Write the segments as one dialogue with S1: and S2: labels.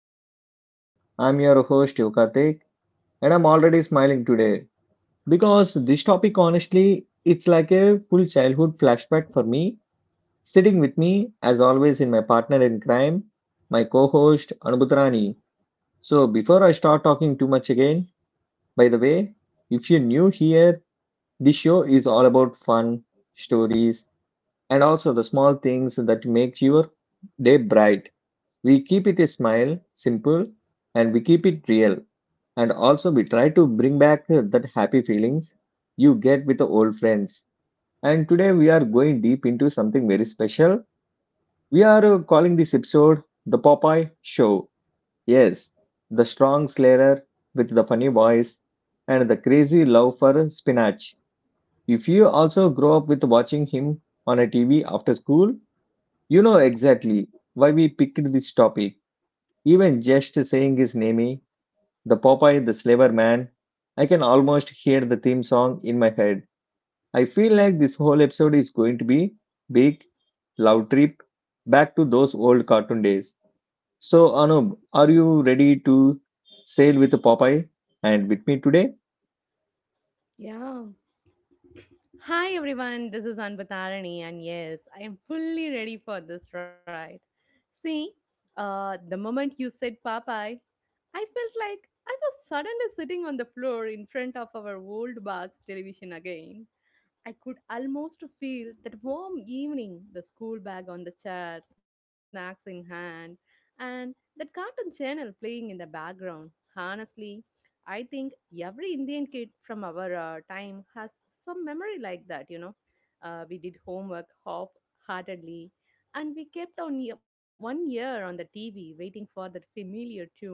S1: Podcast. I'm your host Yukatik, and I'm already smiling today because this topic, honestly, it's like a full childhood flashback for me. Sitting with me as always in my partner in crime, my co-host Anubutrani. So before I start talking too much again, by the way, if you're new here, this show is all about fun, stories, and also the small things that make your day bright. We keep it a smile simple, and we keep it real, and also we try to bring back that happy feelings you get with the old friends. And today we are going deep into something very special. We are calling this episode the Popeye show. Yes, the strong slayer with the funny voice and the crazy love for spinach. If you also grow up with watching him on a TV after school, you know exactly why we picked this topic. Even just saying his name, the Popeye the Slaver Man, I can almost hear the theme song in my head. I feel like this whole episode is going to be big, loud trip back to those old cartoon days. So Anub, are you ready to sail with Popeye and with me today?
S2: Yeah. Hi everyone, this is Anpatarani, and yes, I am fully ready for this ride. See, the moment you said Popeye, I felt like I was suddenly sitting on the floor in front of our old box television again. I could almost feel that warm evening, the school bag on the chair, snacks in hand, and that cartoon channel playing in the background. Honestly, I think every Indian kid from our time has some memory like that. We did homework half heartedly, and we kept on one ear on the TV waiting for that familiar tune.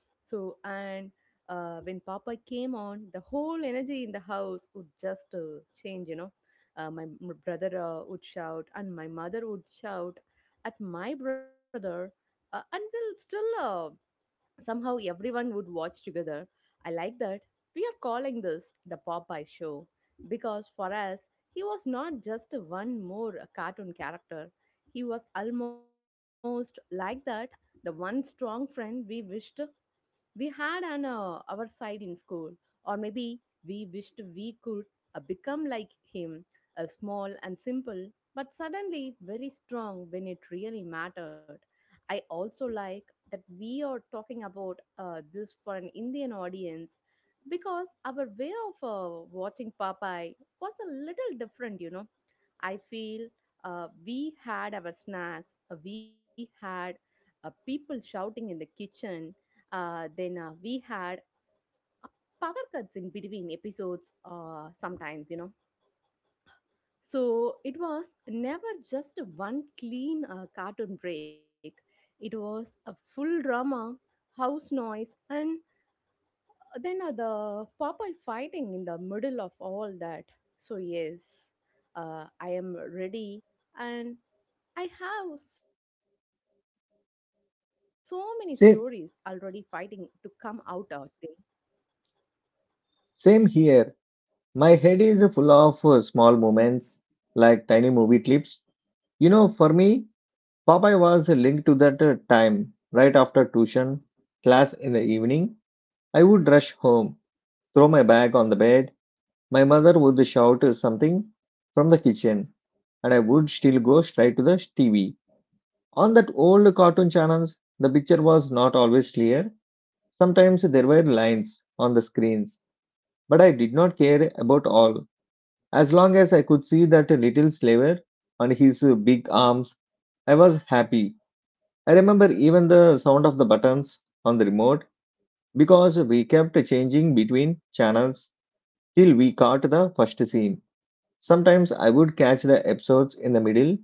S2: So, and when papa came on, the whole energy in the house would just change. My brother would shout, and my mother would shout at my brother, and we'll still somehow everyone would watch together. I like that we are calling this the Popeye show, because for us he was not just one more cartoon character. He was almost like that, the one strong friend we wished we had on our side in school, or maybe we wished we could become like him, small and simple, but suddenly very strong when it really mattered. I also like that we are talking about this for an Indian audience, because our way of watching Popeye was a little different. I feel we had our snacks, we had people shouting in the kitchen, then we had power cuts in between episodes sometimes. So it was never just one clean cartoon break. It was a full drama, house noise, and then the Popeye fighting in the middle of all that. So yes, I am ready, and I have so many stories already fighting to come out
S1: Same,
S2: today.
S1: same here. My head is full of small moments like tiny movie clips. You know, for me, Popeye was linked to that time. Right after tuition class in the evening, I would rush home, throw my bag on the bed. My mother would shout something from the kitchen, and I would still go straight to the TV. On that old cartoon channels, the picture was not always clear. Sometimes there were lines on the screens, but I did not care about all. As long as I could see that little slaver and his big arms, I was happy. I remember even the sound of the buttons on the remote because we kept changing between channels till we caught the first scene. Sometimes I would catch the episodes in the middle,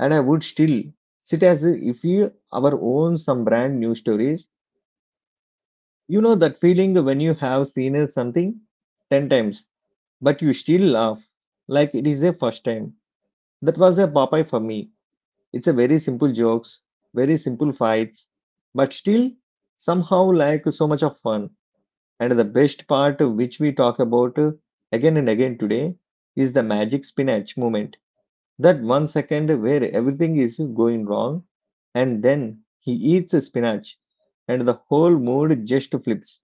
S1: and I would still sit as if we our own some brand new stories. You know that feeling when you have seen something 10 times but you still laugh like it is a first time. That was a Popeye for me. It's a very simple jokes, very simple fights, but still somehow like so much of fun. And the best part, which we talk about again and again today, is the magic spinach moment. That one second where everything is going wrong and then he eats a spinach and the whole mood just flips.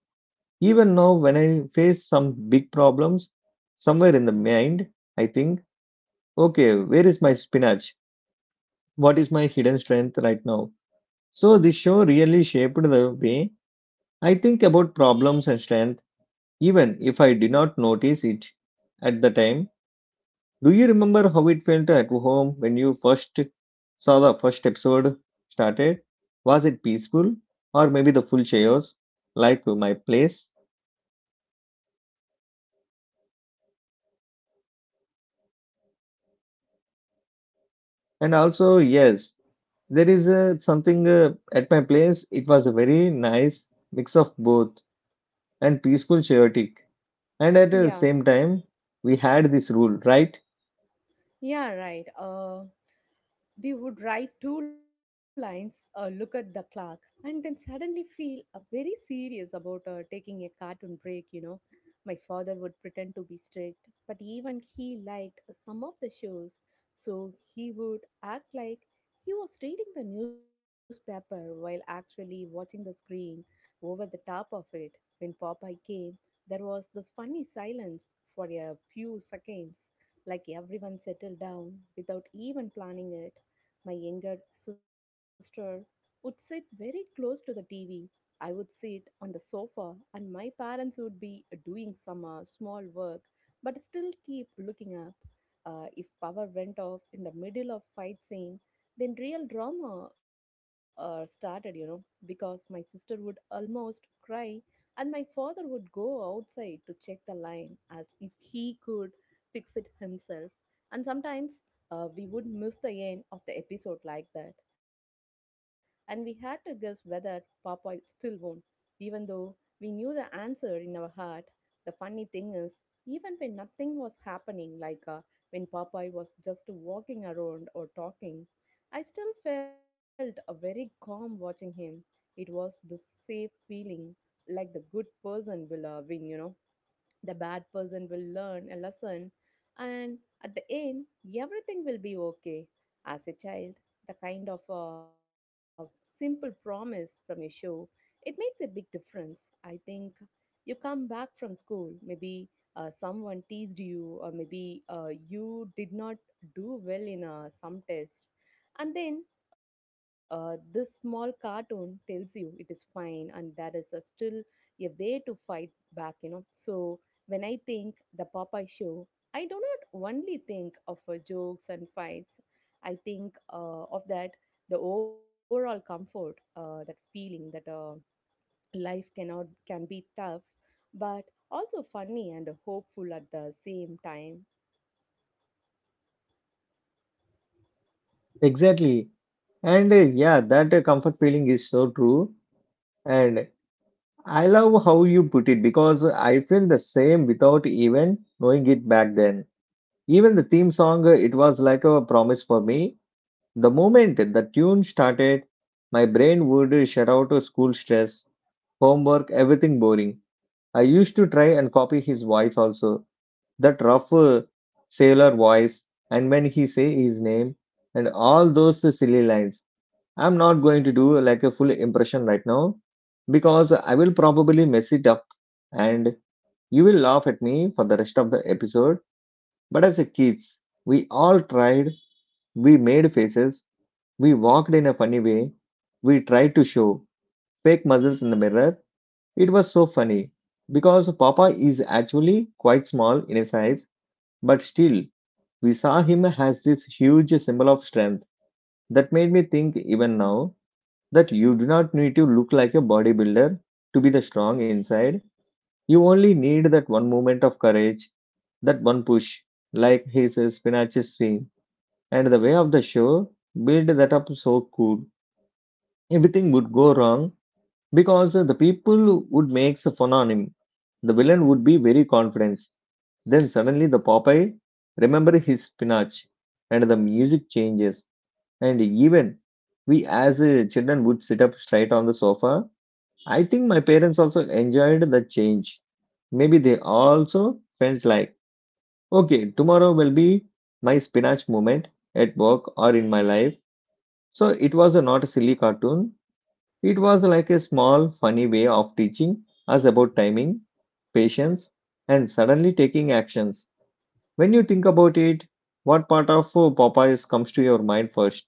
S1: Even now when I face some big problems somewhere in the mind, I think, okay, where is my spinach? What is my hidden strength right now? So this show really shaped the way I think about problems and strength, even if I did not notice it at the time. Do you remember how it felt at home when you first saw the first episode started? Was it peaceful, or maybe the full chaos like my place? And also, yes, there is something at my place. It was a very nice mix of both, and peaceful chaotic. And at the
S2: Yeah.
S1: same time, we had this rule, right?
S2: Yeah, right. We would write two lines, look at the clock, and then suddenly feel very serious about taking a cartoon break. My father would pretend to be strict, but even he liked some of the shows, so he would act like he was reading the newspaper while actually watching the screen over the top of it. When Popeye came, there was this funny silence for a few seconds, like everyone settled down without even planning it. My younger sister would sit very close to the TV. I would sit on the sofa, and my parents would be doing some small work but still keep looking up. If power went off in the middle of fight scene, then real drama started, because my sister would almost cry and my father would go outside to check the line as if he could fix it himself. And sometimes we would miss the end of the episode like that. And we had to guess whether Popeye still won, even though we knew the answer in our heart. The funny thing is, even when nothing was happening, like when Popeye was just walking around or talking, I still felt a very calm watching him. It was the safe feeling, like the good person will win. The bad person will learn a lesson, and at the end, everything will be okay. As a child, the kind of a simple promise from your show, it makes a big difference. I think you come back from school, maybe someone teased you, or maybe you did not do well in some test, and then this small cartoon tells you it is fine, and that is still a way to fight back. So when I think the Popeye show, I do not only think of jokes and fights. I think of that the overall comfort, that feeling that life cannot can be tough, but also funny and hopeful at the same time.
S1: Exactly. And yeah, that comfort feeling is so true. And I love how you put it because I feel the same without even knowing it back then. Even the theme song, it was like a promise for me. The moment the tune started, my brain would shut out school stress, homework, everything boring. I used to try and copy his voice also, that rough sailor voice, and when he say his name, and all those silly lines. I'm not going to do like a full impression right now because I will probably mess it up and you will laugh at me for the rest of the episode. But as a kids, we all tried, we made faces, we walked in a funny way, we tried to show fake muscles in the mirror. It was so funny because Papa is actually quite small in his size, but still, we saw him as this huge symbol of strength. That made me think even now that you do not need to look like a bodybuilder to be the strong inside. You only need that one moment of courage, that one push, like his spinach scene. And the way of the show build that up so cool. Everything would go wrong because the people would make fun on him. The villain would be very confident. Then suddenly the Popeye remember his spinach and the music changes. And even we as children would sit up straight on the sofa. I think my parents also enjoyed the change. Maybe they also felt like, okay, tomorrow will be my spinach moment at work or in my life. So it was a, not a silly cartoon. It was like a small, funny way of teaching us about timing, patience, and suddenly taking actions. When you think about it, what part of Popeyes comes to your mind first?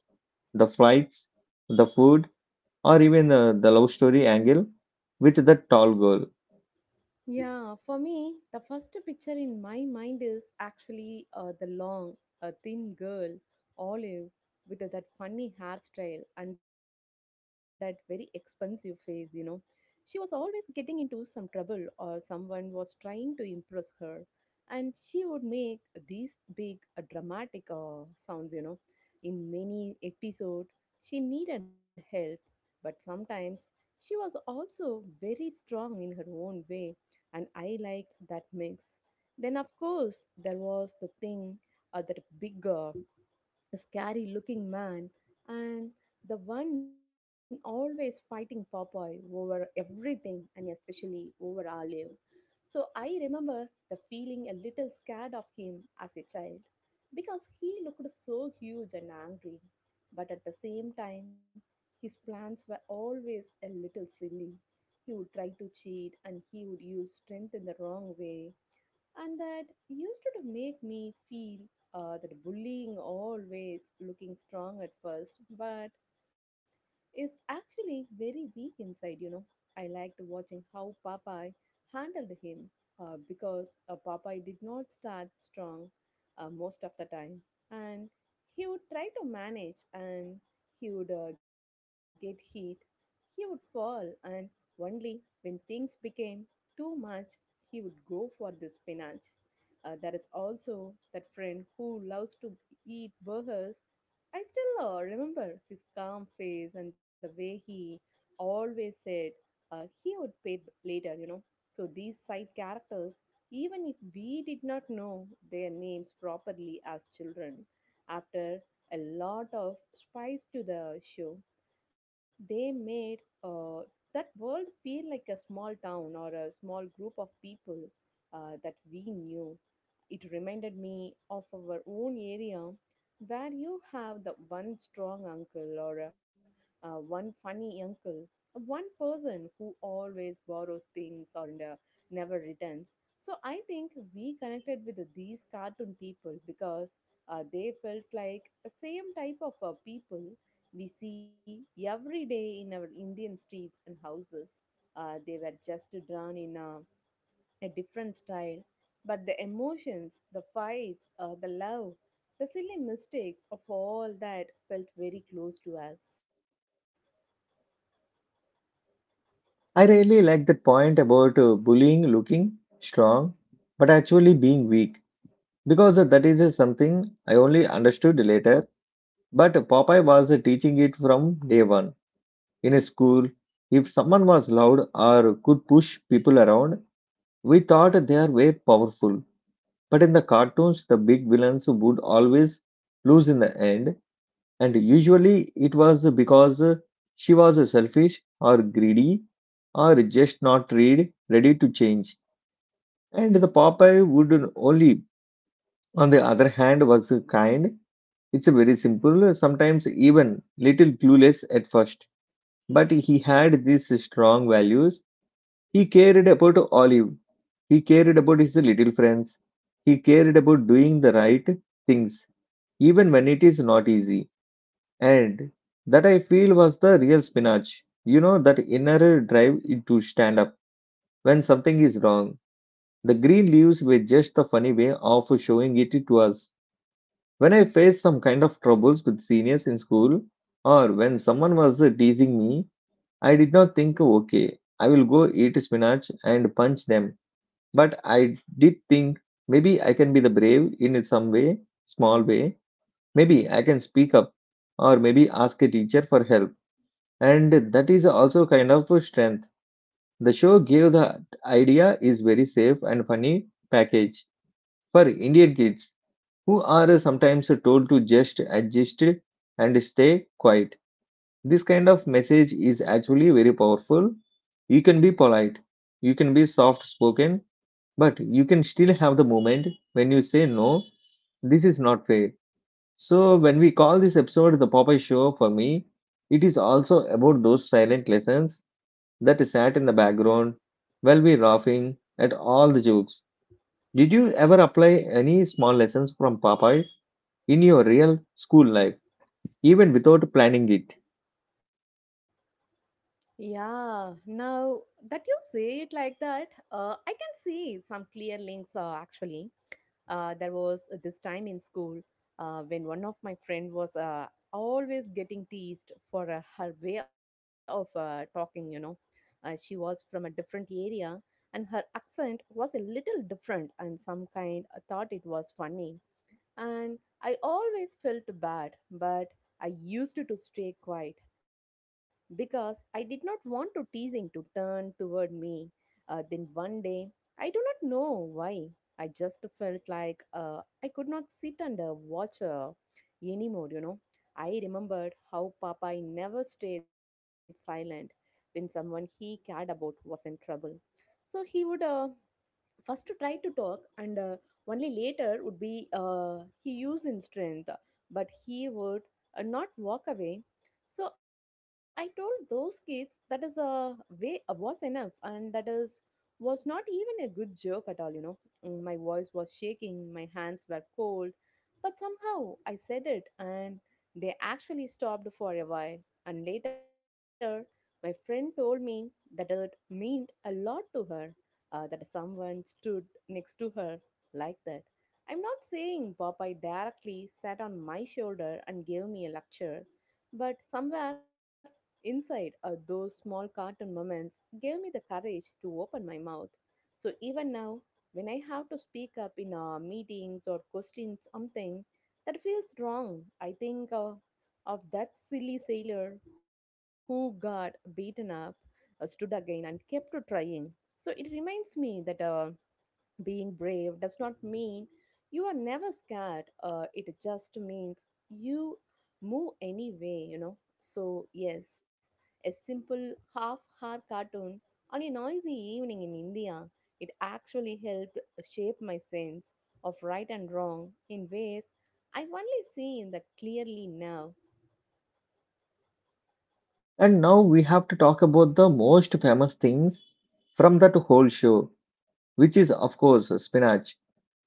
S1: The flights, the food, or even the love story angle with the tall girl?
S2: Yeah, for me, the first picture in my mind is actually the long, thin girl, Olive, with that funny hairstyle and that very expensive face. She was always getting into some trouble, or someone was trying to impress her. And she would make these big, dramatic sounds. In many episodes, she needed help, but sometimes she was also very strong in her own way, and I liked that mix. Then, of course, there was the thing, that big, scary looking man, and the one always fighting Popeye over everything, and especially over Olive. So I remember the feeling a little scared of him as a child because he looked so huge and angry. But at the same time, his plans were always a little silly. He would try to cheat and he would use strength in the wrong way. And that used to make me feel that bullying always looking strong at first, but is actually very weak inside. I liked watching how Popeye handled him because Popeye did not start strong most of the time. And he would try to manage, and he would get hit, he would fall, and only when things became too much, he would go for the spinach. There is also that friend who loves to eat burgers. I still remember his calm face and the way he always said he would pay later. So these side characters, even if we did not know their names properly as children, after a lot of spice to the show, they made that world feel like a small town or a small group of people that we knew. It reminded me of our own area where you have the one strong uncle, or one funny uncle, one person who always borrows things or never returns. So I think we connected with these cartoon people because they felt like the same type of people we see every day in our Indian streets and houses. They were just drawn in a different style, but the emotions, the fights, the love, the silly mistakes of all that felt very close to us.
S1: I really like that point about bullying looking strong but actually being weak because that is something I only understood later. But Popeye was teaching it from day one. In a school, if someone was loud or could push people around, we thought they are way powerful. But in the cartoons, the big villains would always lose in the end, and usually it was because she was selfish or greedy, or just not read, ready to change. And the Popeye would only, on the other hand, was kind. It's a very simple, sometimes even little clueless at first. But he had these strong values. He cared about Olive. He cared about his little friends. He cared about doing the right things, even when it is not easy. And that, I feel, was the real spinach. You know, that inner drive to stand up when something is wrong. The green leaves were just a funny way of showing it to us. When I faced some kind of troubles with seniors in school, or when someone was teasing me, I did not think, okay, I will go eat spinach and punch them. But I did think maybe I can be the brave in some way, small way. Maybe I can speak up, or maybe ask a teacher for help. And that is also kind of a strength. The show gave the idea is very safe and funny package for Indian kids who are sometimes told to just adjust and stay quiet. This kind of message is actually very powerful. You can be polite, you can be soft spoken, but you can still have the moment when you say no, this is not fair. So, when we call this episode the Popeye Show for me, it is also about those silent lessons that sat in the background while we laughing at all the jokes. Did you ever apply any small lessons from Popeyes in your real school life, even without planning it?
S2: Yeah, now that you say it like that, I can see some clear links actually. There was this time in school when one of my friend was always getting teased for her way of talking. She was from a different area and her accent was a little different, and some kind thought it was funny, and I always felt bad, but I used to stay quiet because I did not want to teasing to turn toward me. Then one day, I do not know why, I just felt like I could not sit and watch her anymore. I remembered how Papa never stayed silent when someone he cared about was in trouble. So he would first try to talk, and only later would be he used in strength, but he would not walk away. So I told those kids that is a way was enough, and that is was not even a good joke at all. My voice was shaking, my hands were cold, but somehow I said it, and they actually stopped for a while. And later my friend told me that it meant a lot to her, that someone stood next to her like that. I'm not saying Popeye directly sat on my shoulder and gave me a lecture, but somewhere inside, those small cartoon moments gave me the courage to open my mouth. So even now, when I have to speak up in meetings or question something that feels wrong, I think of that silly sailor who got beaten up, stood again, and kept trying. So it reminds me that being brave does not mean you are never scared. It just means you move anyway. So, yes, a simple half hour cartoon on a noisy evening in India, it actually helped shape my sense of right and wrong in ways I only see in the clearly now.
S1: And now we have to talk about the most famous things from that whole show, which is, of course, spinach.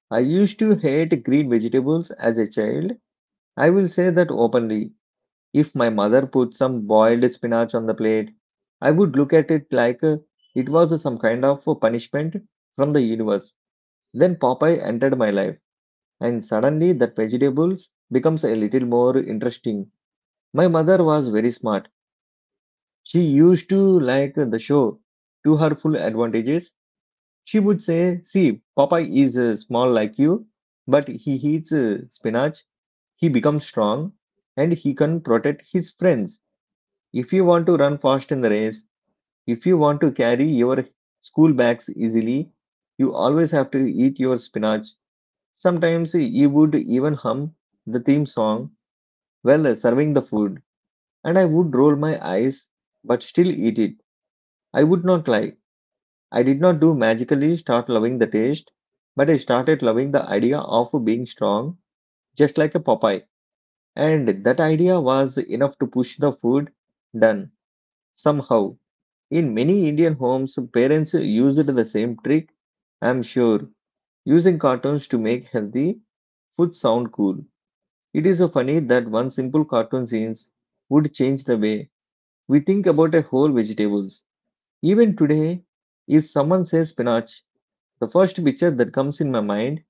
S1: I used to hate green vegetables as a child. I will say that openly. If my mother put some boiled spinach on the plate, I would look at it like it was some kind of punishment from the universe. Then Popeye entered my life and suddenly that vegetables becomes a little more interesting. My mother was very smart. She used to like the show to her full advantages. She would say, "See, Papa is small like you, but he eats spinach. He becomes strong, and he can protect his friends. If you want to run fast in the race, if you want to carry your school bags easily, you always have to eat your spinach." Sometimes he would even hum the theme song well serving the food, and I would roll my eyes but still eat it. I would not lie. I did not do magically start loving the taste, but I started loving the idea of being strong, just like a Popeye. And that idea was enough to push the food done somehow. In many Indian homes, parents used the same trick, I'm sure, using cartoons to make healthy food sound cool. It is so funny that one simple cartoon scenes would change the way we think about a whole vegetables. Even today, if someone says spinach, the first picture that comes in my mind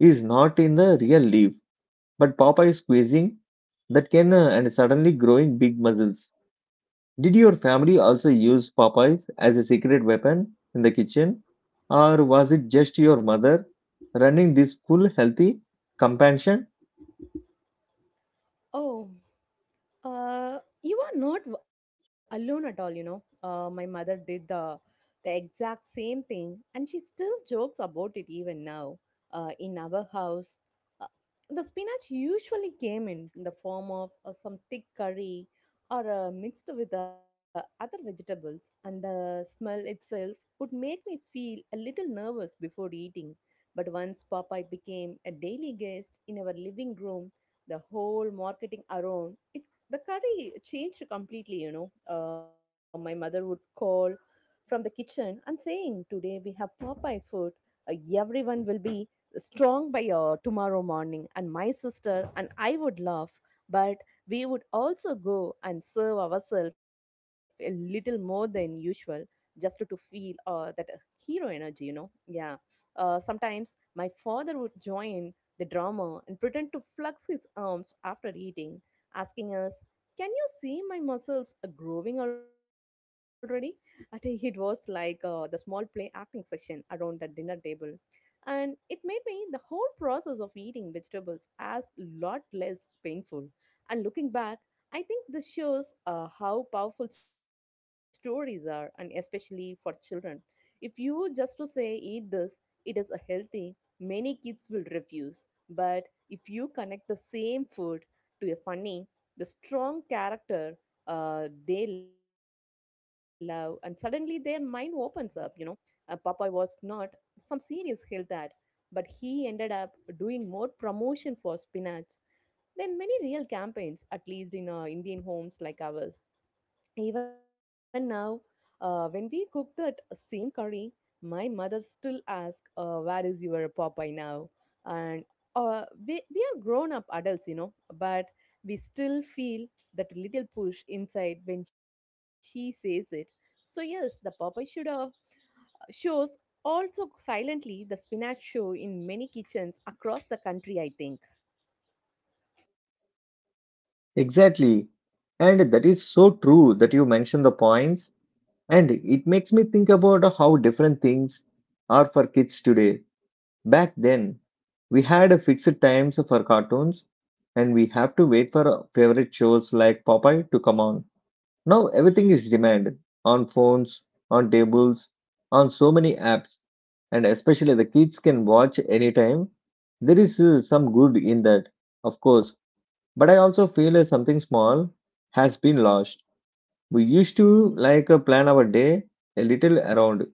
S1: is not in the real leaf, but Popeye squeezing that can and suddenly growing big muscles. Did your family also use Popeyes as a secret weapon in the kitchen? Or was it just your mother running this full healthy compassion?
S2: Oh, you are not alone at all. My mother did the exact same thing, and she still jokes about it even now. In our house, uh, the spinach usually came in the form of some thick curry or mixed with the other vegetables, and the smell itself would make me feel a little nervous before eating. But once Popeye became a daily guest in our living room, the whole marketing around it the curry changed completely. My mother would call from the kitchen and saying, "Today we have Popeye food. Uh, Everyone will be strong by tomorrow morning. And my sister and I would laugh, but we would also go and serve ourselves a little more than usual just to feel that hero energy. Yeah. Sometimes my father would join the drama and pretend to flex his arms after eating asking us, can you see my muscles are growing already? I It was like the small play acting session around the dinner table. And it made me the whole process of eating vegetables as lot less painful. And looking back, I think this shows how powerful stories are, and especially for children. If you just to say eat this, it is a healthy, many kids will refuse. But if you connect the same food to a funny, the strong character they love, and suddenly their mind opens up. Popeye was not some serious hill that, but he ended up doing more promotion for spinach than many real campaigns, at least in Indian homes like ours. Even now, when we cook that same curry, my mother still asks, where is your Popeye now? And we are grown up adults, you know, but we still feel that little push inside when she says it. So, yes, the Popeye should shows also silently the spinach show in many kitchens across the country, I think.
S1: Exactly. And that is so true that you mentioned the points. And it makes me think about how different things are for kids today. Back then, we had a fixed times for cartoons and we have to wait for our favorite shows like Popeye to come on. Now everything is demanded on phones, on tables, on so many apps, and especially the kids can watch anytime. There is some good in that, of course, but I also feel something small has been lost. We used to like plan our day a little around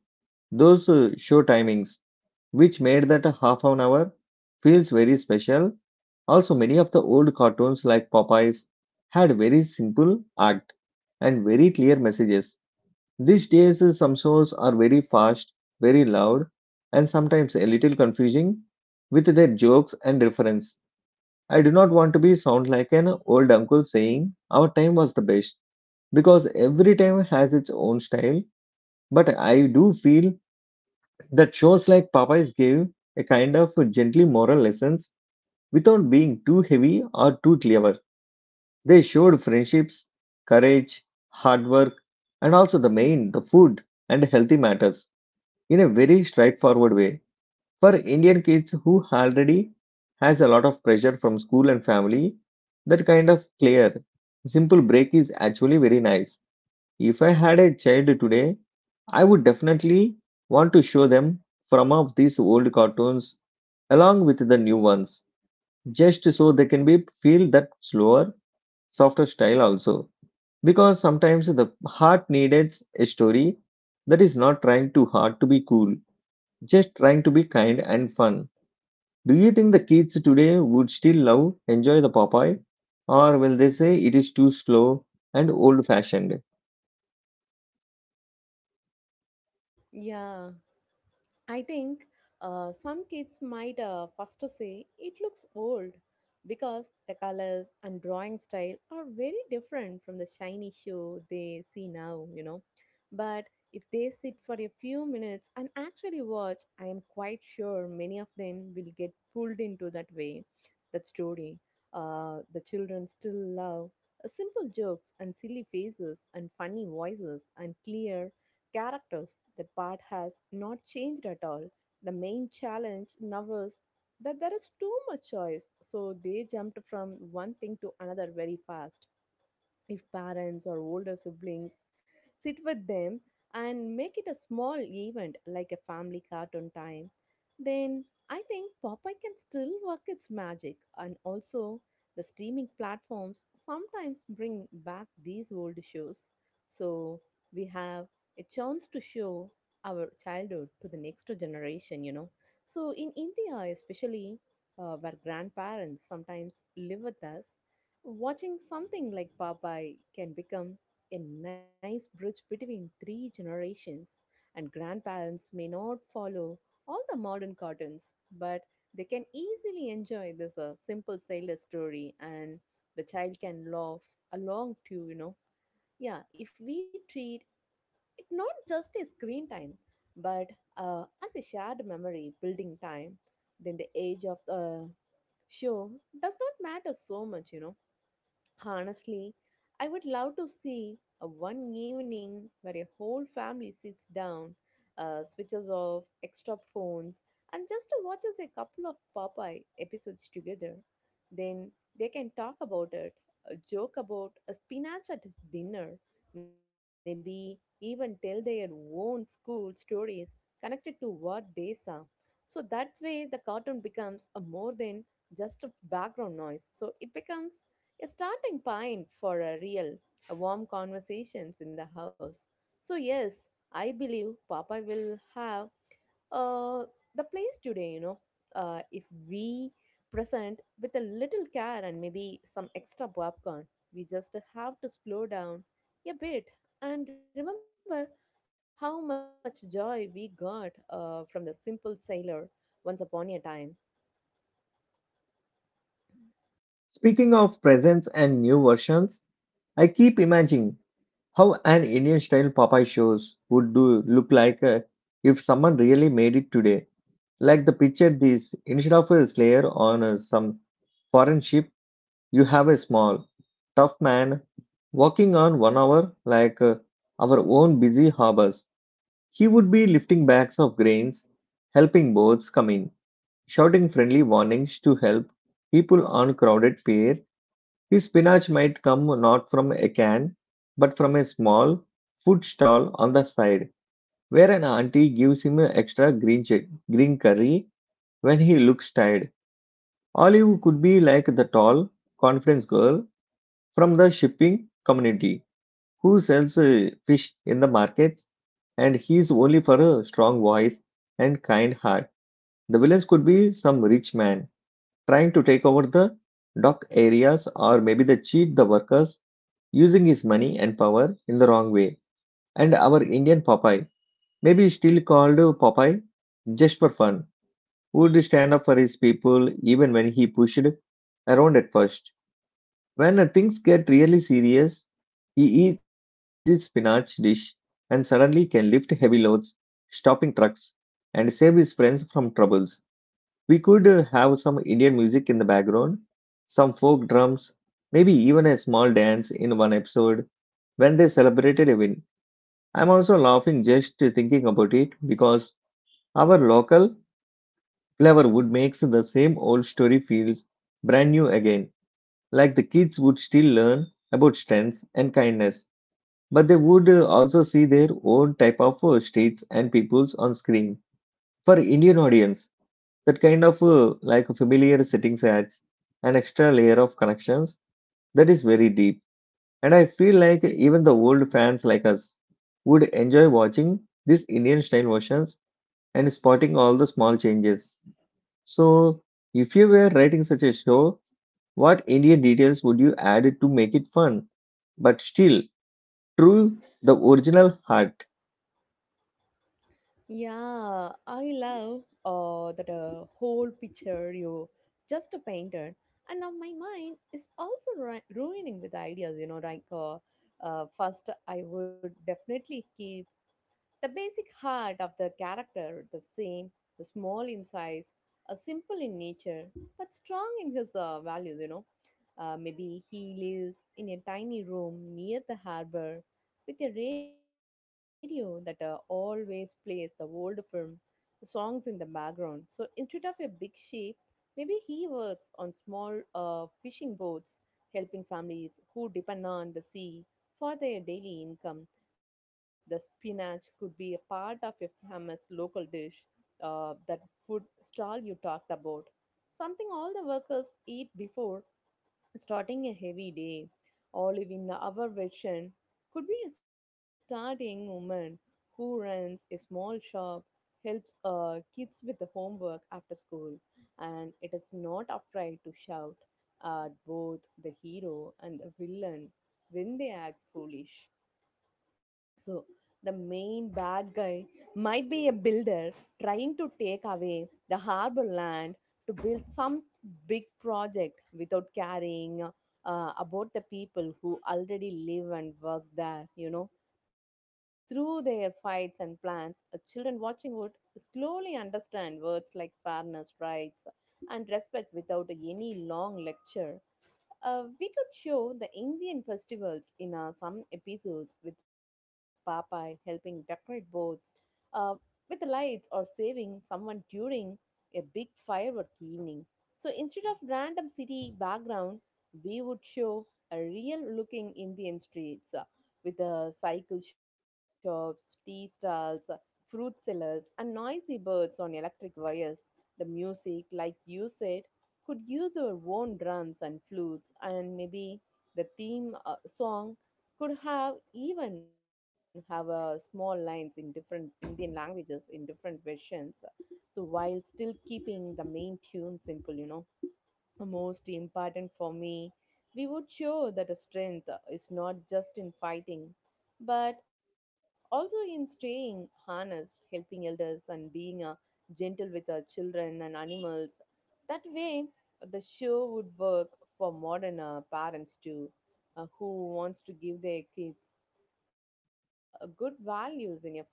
S1: those show timings, which made that a half an hour feels very special. Also, many of the old cartoons like Popeyes had very simple act and very clear messages. These days, some shows are very fast, very loud, and sometimes a little confusing with their jokes and reference. I do not want to be sound like an old uncle saying our time was the best because every time has its own style, but I do feel that shows like Popeyes gave a kind of gently moral lessons without being too heavy or too clever. They showed friendships, courage, hard work, and also the main, the food and healthy matters in a very straightforward way. For Indian kids who already has a lot of pressure from school and family, that kind of clear, simple break is actually very nice. If I had a child today, I would definitely want to show them some of these old cartoons along with the new ones, just so they can be feel that slower, softer style also. Because sometimes the heart needs a story that is not trying too hard to be cool, just trying to be kind and fun. Do you think the kids today would still love enjoy the Popeye, or will they say it is too slow and old-fashioned?
S2: Yeah. I think some kids might first to say it looks old because the colors and drawing style are very different from the shiny show they see now, you know. But if they sit for a few minutes and actually watch, I am quite sure many of them will get pulled into that way, that story. The children still love simple jokes and silly faces and funny voices and clear characters. The part has not changed at all. The main challenge now is that there is too much choice, so they jumped from one thing to another very fast if parents or older siblings sit with them and make it a small event like a family cartoon time, then I think Popeye can still work its magic. And also, the streaming platforms sometimes bring back these old shows. So, we have a chance to show our childhood to the next generation, you know. So, in India, especially where grandparents sometimes live with us, watching something like Popeye can become a nice bridge between three generations, and grandparents may not follow all the modern cartoons, but they can easily enjoy this simple sailor story, and the child can laugh along too, you know. Yeah, if we treat it not just as screen time, but as a shared memory building time, then the age of the show does not matter so much, you know. Honestly, I would love to see a one evening where a whole family sits down, switches off extra phones, and just watches a couple of Popeye episodes together. Then they can talk about it, joke about a spinach at dinner, maybe even tell their own school stories connected to what they saw. So that way, the cartoon becomes a more than just a background noise. So it becomes a starting point for a real, a warm conversations in the house. So yes, I believe Papa will have uh, the place today, you know, if we present with a little care and maybe some extra popcorn, we just have to slow down a bit and remember how much joy we got from the simple sailor once upon a time.
S1: Speaking of presents and new versions. I keep imagining how an Indian style Popeye shows would do look like, if someone really made it today. Like the picture this instead of a slayer on some foreign ship, you have a small, tough man walking on 1 hour like our own busy harbors. He would be lifting bags of grains, helping boats come in, shouting friendly warnings to help people on crowded pier, his spinach might come not from a can, but from a small food stall on the side, where an auntie gives him extra green, green curry when he looks tired. Olive could be like the tall, conference girl from the shipping community who sells fish in the markets, and he's only for a strong voice and kind heart. The villains could be some rich man trying to take over the dock areas, or maybe they cheat the workers using his money and power in the wrong way. And our Indian Popeye, maybe still called Popeye just for fun, would stand up for his people even when he pushed around at first. When things get really serious, he eats his spinach dish and suddenly can lift heavy loads, stopping trucks, and save his friends from troubles. We could have some Indian music in the background, some folk drums, maybe even a small dance in one episode when they celebrated a win. I'm also laughing just thinking about it because our local flavor would makes the same old story feels brand new again. Like the kids would still learn about strengths and kindness, but they would also see their own type of states and peoples on screen. For Indian audience, that kind of like familiar settings adds an extra layer of connections that is very deep. And I feel like even the old fans like us would enjoy watching these Indian style versions and spotting all the small changes. So, if you were writing such a show, what Indian details would you add to make it fun, but still true the original heart?
S2: Yeah, I love that whole picture you just painted. And now my mind is also ruining with ideas, you know, like first I would definitely keep the basic heart of the character the same, the small in size, simple in nature, but strong in his values, you know. Maybe he lives in a tiny room near the harbor with a radio that always plays the old film songs in the background. So instead of a big ship, maybe he works on small fishing boats, helping families who depend on the sea for their daily income. The spinach could be a part of a famous local dish, that food stall you talked about. Something all the workers eat before starting a heavy day, olive in our version, could be a starting woman who runs a small shop, helps kids with the homework after school, and it is not afraid to shout at both the hero and the villain when they act foolish. So the main bad guy might be a builder trying to take away the harbor land to build some big project without caring about the people who already live and work there, you know. Through their fights and plans, children watching would slowly understand words like fairness, rights, and respect without any long lecture. We could show the Indian festivals in some episodes with Popeye helping decorate boats uh, with the lights or saving someone during a big firework evening. So instead of random city background, we would show a real looking Indian streets with cycle shops, tea stalls, fruit sellers, and noisy birds on electric wires. The music, like you said, could use their own drums and flutes and maybe the theme song could have even have small lines in different Indian languages in different versions so while still keeping the main tune simple, you know, most important for me, we would show that a strength is not just in fighting, but also in staying honest, helping elders, and being gentle with our children and animals. That way, the show would work for modern parents too, who wants to give their kids good values in a funny way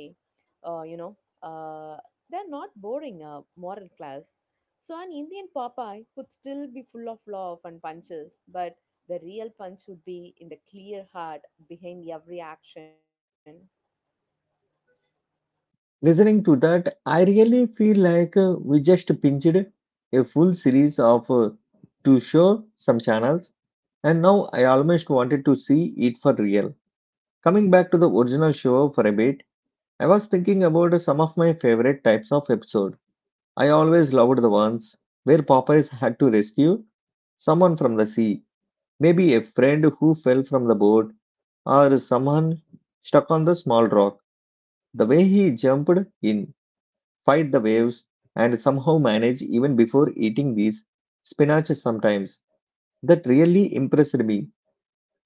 S2: you know, uh, they're not boring moral class. So an Indian Popeye could still be full of love and punches, but the real punch would be in the clear heart behind every action.
S1: Listening to that, I really feel like we just pinched a full series of to show some channels, and now I almost wanted to see it for real. Coming back to the original show for a bit, I was thinking about some of my favorite types of episode. I always loved the ones where Popeyes had to rescue someone from the sea, maybe a friend who fell from the boat, or someone stuck on the small rock. The way he jumped in fight the waves, and somehow manage even before eating these spinach sometimes. That really impressed me.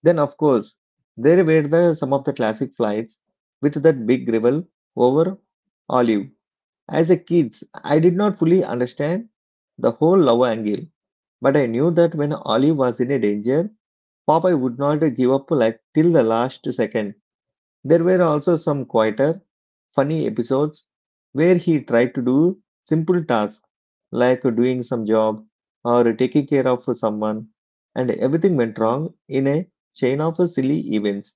S1: Then, of course, some of the classic flights with that big gravel over olive. As a kid, I did not fully understand the whole love angle, but I knew that when olive was in a danger, Popeye would not give up like till the last second. There were also some quieter, funny episodes where he tried to do simple tasks like doing some job or taking care of someone, and everything went wrong in a chain of silly events.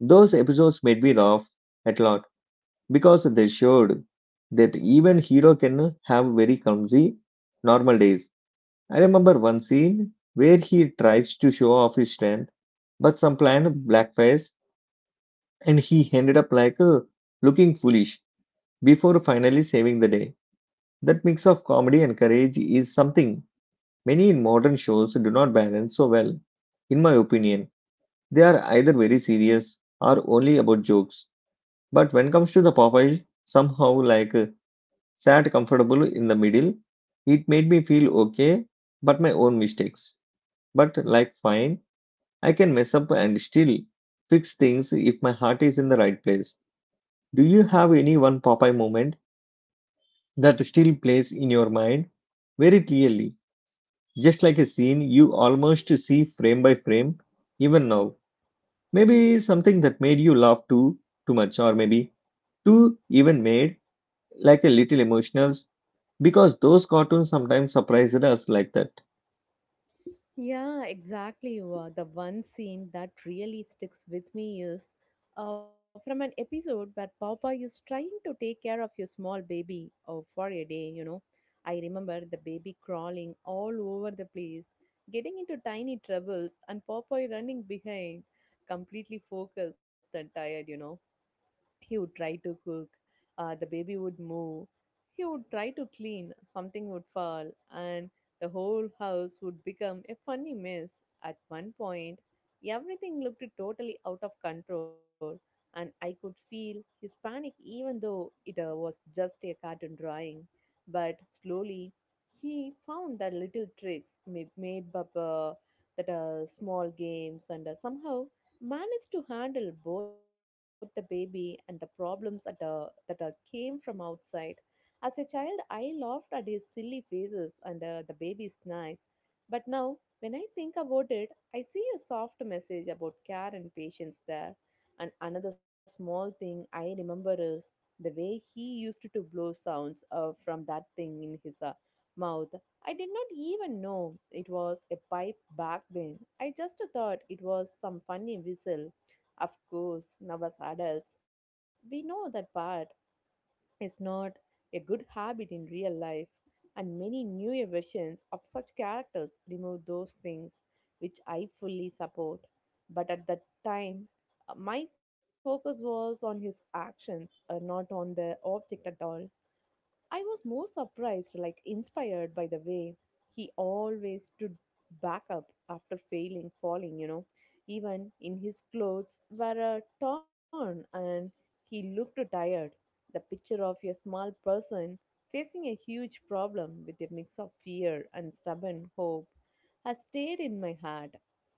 S1: Those episodes made me laugh a lot because they showed that even hero can have very clumsy normal days. I remember one scene where he tries to show off his strength, but some planned blackface and he ended up like looking foolish before finally saving the day. That mix of comedy and courage is something many in modern shows do not balance so well. In my opinion, they are either very serious or only about jokes. But when comes to the Popeye, somehow like sat comfortable in the middle, it made me feel okay, but my own mistakes. But like fine, I can mess up and still fix things if my heart is in the right place. Do you have any one Popeye moment that still plays in your mind very clearly, just like a scene you almost see frame by frame, even now? Maybe something that made you laugh too much, or maybe too even made like a little emotional, because those cartoons sometimes surprised us like that.
S2: Yeah, exactly. The one scene that really sticks with me is from an episode where Papa is trying to take care of your small baby for a day, you know. I remember the baby crawling all over the place, getting into tiny troubles, and Papa running behind, completely focused and tired, you know he would try to cook the baby would move he would try to clean something would fall and the whole house would become a funny mess at one point everything looked totally out of control and I could feel his panic even though it was just a cartoon drawing but slowly he found the little tricks made up that small games and somehow managed to handle both the baby and the problems at, that came from outside. As a child, I laughed at his silly faces and the baby's nice. But now, when I think about it, I see a soft message about care and patience there. And another small thing I remember is the way he used to blow sounds from that thing in his mouth. I did not even know it was a pipe back then. I just thought it was some funny whistle. Of course, now as adults, we know that part is not a good habit in real life, and many newer versions of such characters remove those things, which I fully support. But at that time, my focus was on his actions, not on the object at all. I was more surprised, like inspired by the way he always stood back up after failing, falling, you know. Even in his clothes were torn and he looked tired. The picture of a small person facing a huge problem with a mix of fear and stubborn hope has stayed in my heart.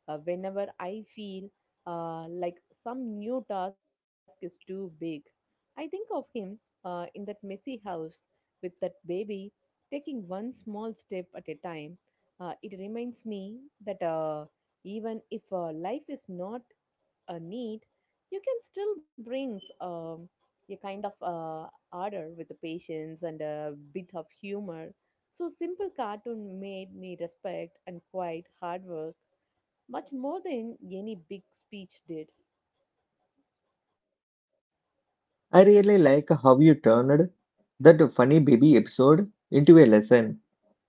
S2: Whenever I feel like some new task is too big, I think of him in that messy house with that baby, taking one small step at a time, it reminds me that even if life is not a need, you can still bring a kind of order with the patience and a bit of humor. So simple cartoon made me respect and quite hard work much more than any big speech did.
S1: I really like how you turned that funny baby episode into a lesson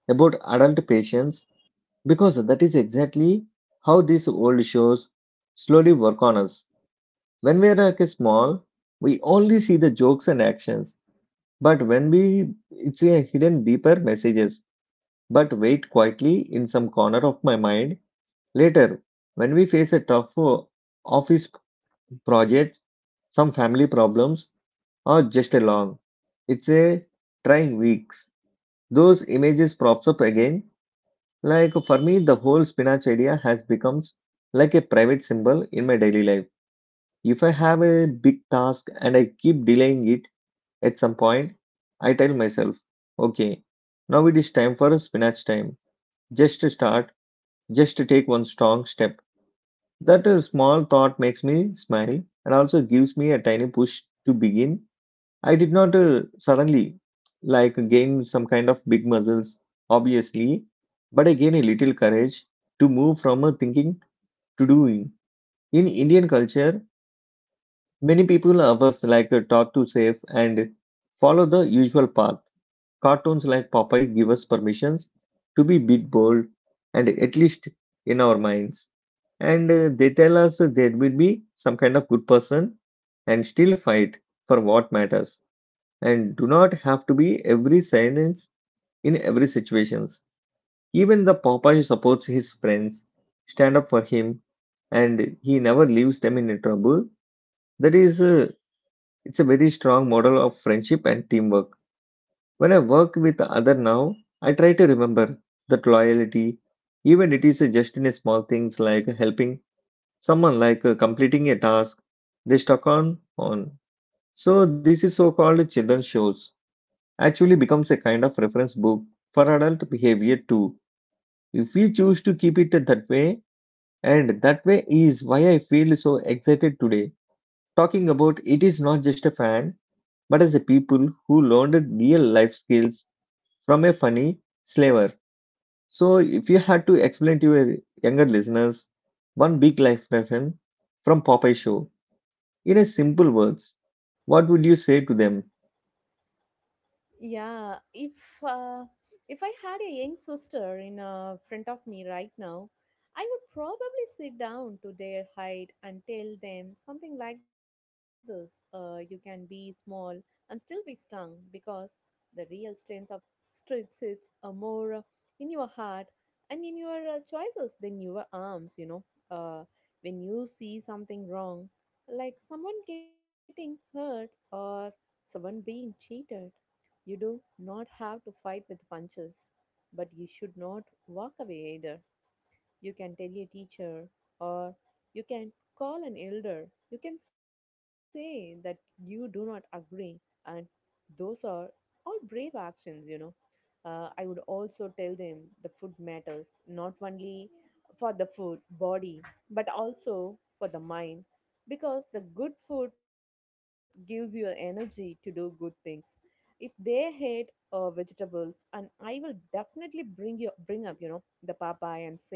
S1: about adult patience. Because that is exactly how these old shows slowly work on us. When we are like a small, we only see the jokes and actions. But when we it's a hidden deeper messages, but wait quietly in some corner of my mind. Later, when we face a tough office project, some family problems, or just a long, it's a trying weeks. Those images props up again. Like for me, the whole spinach idea has become like a private symbol in my daily life. If I have a big task and I keep delaying it at some point, I tell myself, okay, now it is time for spinach time. Just to start, just to take one strong step. That small thought makes me smile and also gives me a tiny push to begin. I did not suddenly like gain some kind of big muscles, obviously, but I gained a little courage to move from thinking to doing. In Indian culture, many people of us like talk to safe and follow the usual path. Cartoons like Popeye give us permissions to be big, bold, and at least in our minds. And they tell us that there will be some kind of good person and still fight for what matters and do not have to be every sentence in every situations. Even the Popeye supports his friends, stand up for him, and he never leaves them in trouble. That is, it's a very strong model of friendship and teamwork. When I work with other now, I try to remember that loyalty, even it is just in a small things like helping someone, like completing a task they stuck on. So this is so-called children's shows actually becomes a kind of reference book for adult behavior too, if we choose to keep it that way. And that way is why I feel so excited today. Talking about it is not just a fan, but as a people who learned real life skills from a funny slaver. So, if you had to explain to your younger listeners one big life lesson from Popeye Show in a simple words, what would you say to them?
S2: Yeah, uh, if I had a young sister in front of me right now, I would probably sit down to their height and tell them something like this: "You can be small and still be strong, because the real strength of strength sits more in your heart and in your choices than your arms." Uh, when you see something wrong, like someone getting hurt or someone being cheated, you do not have to fight with punches, but you should not walk away either. You can tell your teacher, or you can call an elder. You can say that you do not agree, and those are all brave actions, you know. I would also tell them the food matters not only for the food body but also for the mind, because the good food gives you energy to do good things. If they hate vegetables, and I will definitely bring up you know the papaya and say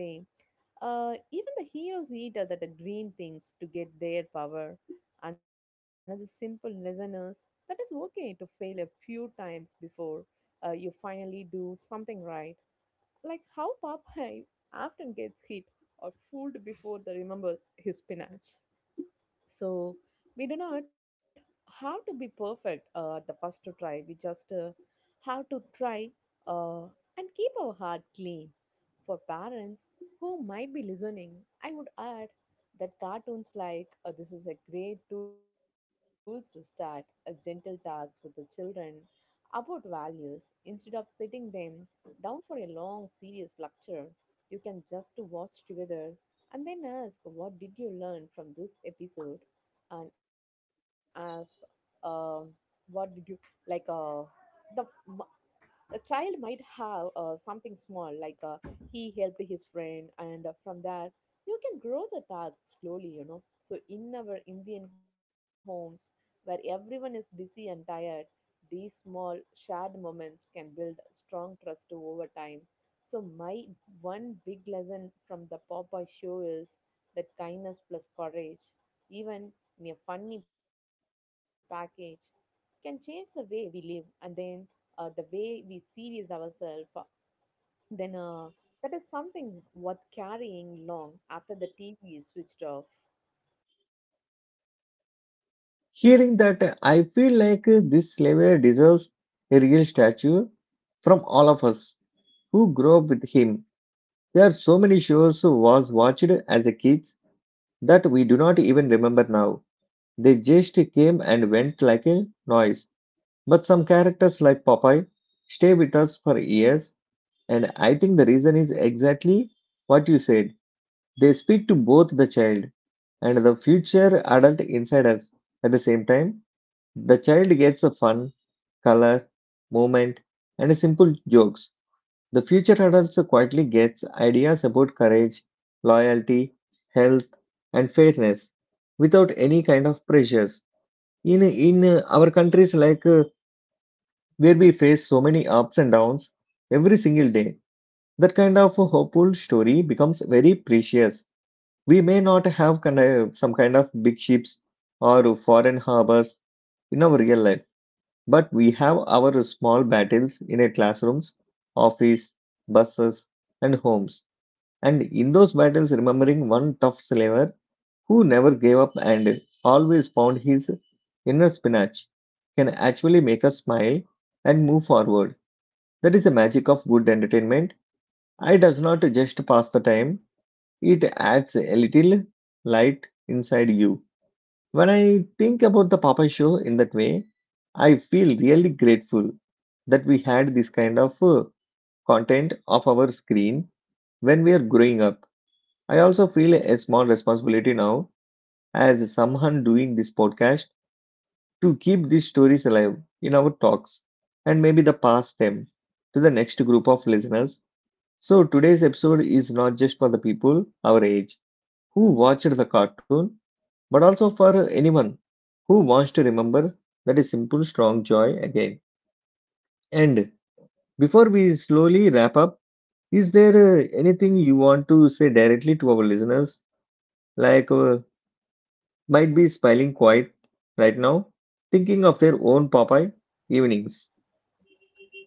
S2: even the heroes eat other the green things to get their power. Another simple lesson is that it's okay to fail a few times before you finally do something right. Like how Popeye often gets hit or fooled before the remembers his spinach. So we do not have to be perfect the first to try. We just have to try uh, and keep our heart clean. For parents who might be listening, I would add that cartoons like this is a great tool to start a gentle talks with the children about values. Instead of sitting them down for a long serious lecture, you can just watch together and then ask what did you learn from this episode, and ask um what did you like the a child might have something small, like he helped his friend, and from that, you can grow the tag slowly, you know. So, in our Indian homes, where everyone is busy and tired, these small shared moments can build strong trust over time. So, my one big lesson from the Popeye show is that kindness plus courage, even in a funny package, can change the way we live, and then the way we see is ourselves, then that is something worth carrying long after the TV is switched off.
S1: Hearing that, I feel like this slaver deserves a real statue from all of us who grew up with him. There are so many shows was watched as a kids that we do not even remember now. They just came and went like a noise. But some characters like Popeye stay with us for years, and I think the reason is exactly what you said. They speak to both the child and the future adult inside us at the same time. The child gets a fun, color, movement, and a simple jokes. The future adult quietly gets ideas about courage, loyalty, health, and fairness without any kind of pressures. In Our countries like where we face so many ups and downs every single day, that kind of a hopeful story becomes very precious. We may not have kind of, some kind of big ships or foreign harbors in our real life, but we have our small battles in our classrooms, office, buses, and homes. And in those battles, remembering one tough slaver who never gave up and always found his inner spinach can actually make us smile and move forward. That is the magic of good entertainment. It does not just pass the time, it adds a little light inside you. When I think about the Popeye show in that way, I feel really grateful that we had this kind of content of our screen when we are growing up. I also feel a small responsibility now as someone doing this podcast to keep these stories alive in our talks and maybe the pass them to the next group of listeners. So today's episode is not just for the people our age who watched the cartoon, but also for anyone who wants to remember that is simple, strong joy again. And before we slowly wrap up, is there anything you want to say directly to our listeners? Like, might be smiling quiet right now, thinking of their own Popeye evenings.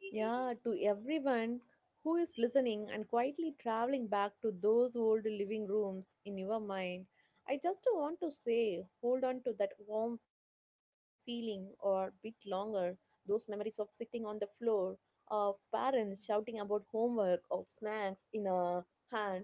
S2: Yeah, to everyone who is listening and quietly traveling back to those old living rooms in your mind, I just want to say hold on to that warm feeling or bit longer, those memories of sitting on the floor, of parents shouting about homework, of snacks in a hand,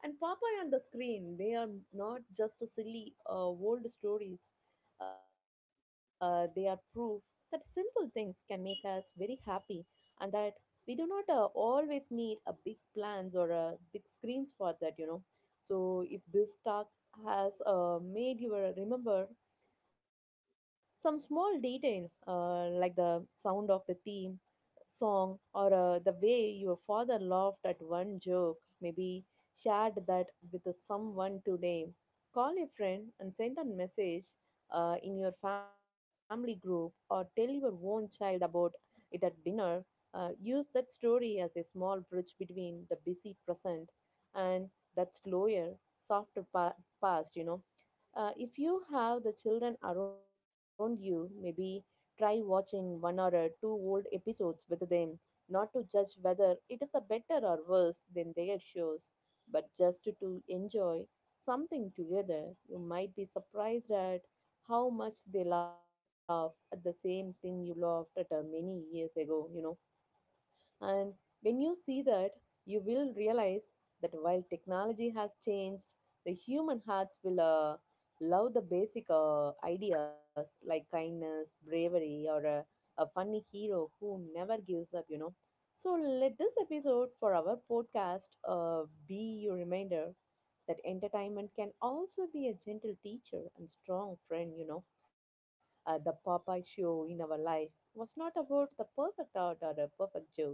S2: and Popeye on the screen. They are not just silly old stories. They are proof that simple things can make us very happy, and that we do not always need a big plans or big screens for that, you know. So if this talk has made you remember some small detail like the sound of the theme song, or the way your father laughed at one joke. Maybe shared that with someone today. Call a friend and send a message in your family group, or tell your own child about it at dinner. Use that story as a small bridge between the busy present and that slower, softer past, you know. If you have the children around you, maybe try watching one or two old episodes with them, not to judge whether it is the better or worse than their shows, but just to enjoy something together. You might be surprised at how much they laugh at the same thing you laughed at many years ago, you know. And when you see that, you will realize that while technology has changed, the human hearts will love the basic ideas like kindness, bravery, or a funny hero who never gives up, you know. So let this episode for our podcast be your reminder that entertainment can also be a gentle teacher and strong friend, you know. The Popeye show in our life was not about the perfect art or the perfect jokes.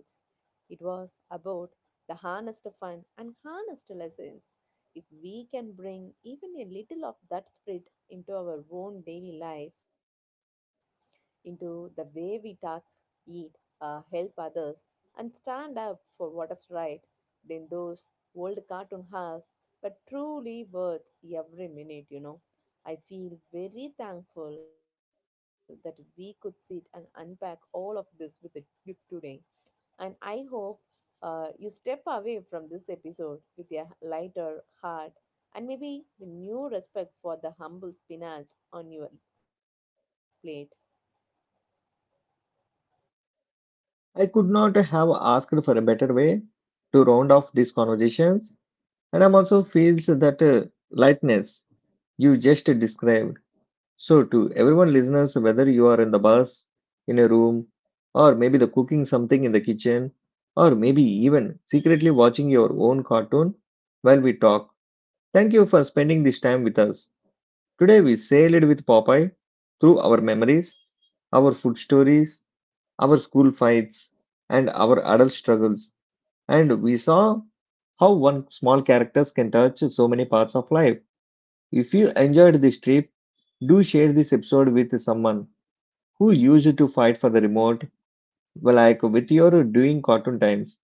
S2: It was about the harnessed fun and harnessed lessons. If we can bring even a little of that spirit into our own daily life, into the way we talk, eat, help others, and stand up for what is right, then those old cartoon has, but truly worth every minute, you know. I feel very thankful that we could sit and unpack all of this with you today. And I hope you step away from this episode with a lighter heart and maybe the new respect for the humble spinach on your plate.
S1: I could not have asked for a better way to round off these conversations, and I'm also feels that lightness you just described. So, to everyone listeners, whether you are in the bus, in a room, or maybe the cooking something in the kitchen, or maybe even secretly watching your own cartoon while we talk, thank you for spending this time with us. Today we sailed with Popeye through our memories, our food stories, our school fights, and our adult struggles, and we saw how one small characters can touch so many parts of life. If you enjoyed this trip, do share this episode with someone who used to fight for the remote. Well, like with your doing cartoon times,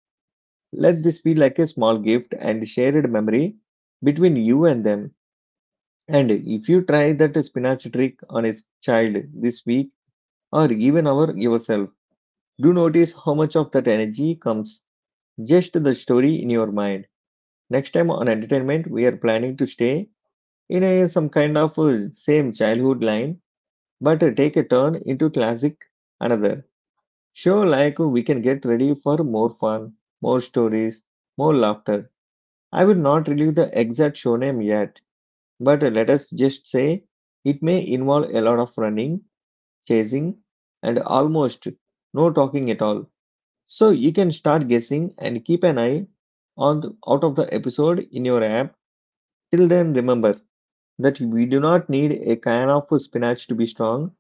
S1: let this be like a small gift and shared memory between you and them. And if you try that spinach trick on a child this week or even our yourself, do notice how much of that energy comes just the story in your mind. Next time on entertainment, we are planning to stay in a some kind of same childhood line, but take a turn into classic another. Sure, like we can get ready for more fun, more stories, more laughter. I will not reveal the exact show name yet, but let us just say it may involve a lot of running, chasing, and almost no talking at all. So you can start guessing and keep an eye on the, out of the episode in your app. Till then, remember that we do not need a kind of spinach to be strong.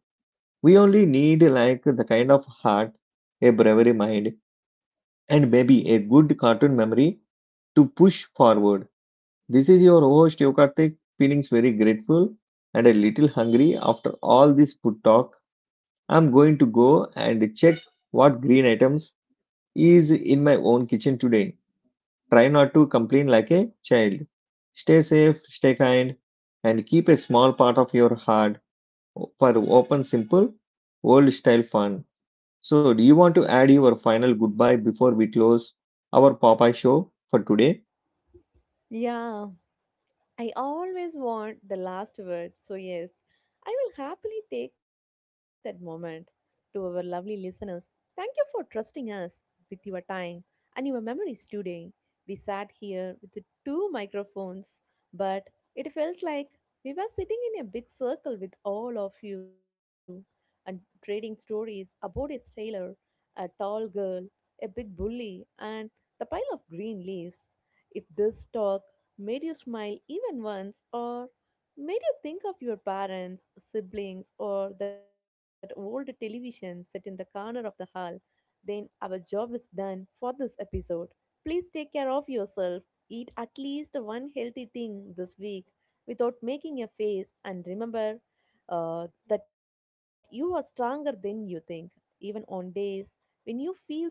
S1: We only need like the kind of heart, a bravery mind, and maybe a good cartoon memory to push forward. This is your host Yokartik, feelings very grateful and a little hungry after all this food talk. I'm going to go and check what green items is in my own kitchen today. Try not to complain like a child. Stay safe, stay kind, and keep a small part of your heart for open, simple, old style fun. So, do you want to add your final goodbye before we close our Popeye show for today?
S2: Yeah, I always want the last word, so yes, I will happily take that moment. To our lovely listeners, thank you for trusting us with your time and your memories today. We sat here with the two microphones, but it felt like we were sitting in a big circle with all of you and trading stories about a sailor, a tall girl, a big bully, and the pile of green leaves. If this talk made you smile even once, or made you think of your parents, siblings, or that old television set in the corner of the hall, then our job is done for this episode. Please take care of yourself. Eat at least one healthy thing this week without making a face, and remember that you are stronger than you think, even on days when you feel small.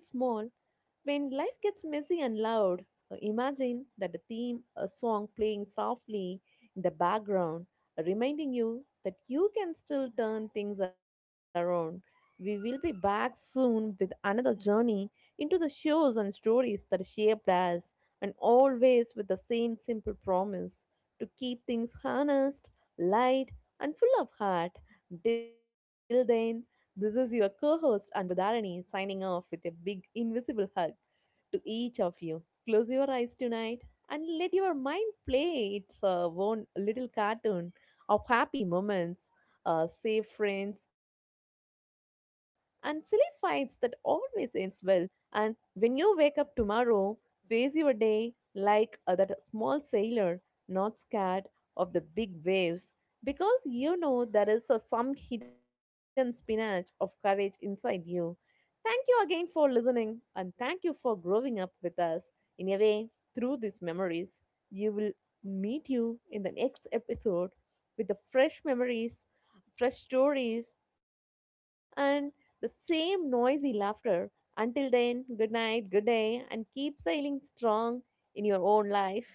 S2: When life gets messy and loud, imagine that a theme, a song playing softly in the background, reminding you that you can still turn things around. We will be back soon with another journey into the shows and stories that shaped us, and always with the same simple promise to keep things honest, light, and full of heart. Till then, this is your co host Anbudharani signing off with a big invisible hug to each of you. Close your eyes tonight and let your mind play its own little cartoon of happy moments, safe friends, and silly fights that always ends well. And when you wake up tomorrow, face your day like that small sailor, not scared of the big waves, because you know there is some hidden spinach of courage inside you. Thank you again for listening, and thank you for growing up with us. In a way, through these memories, you will meet you in the next episode with the fresh memories, fresh stories, and the same noisy laughter. Until then, good night, good day, and keep sailing strong in your own life.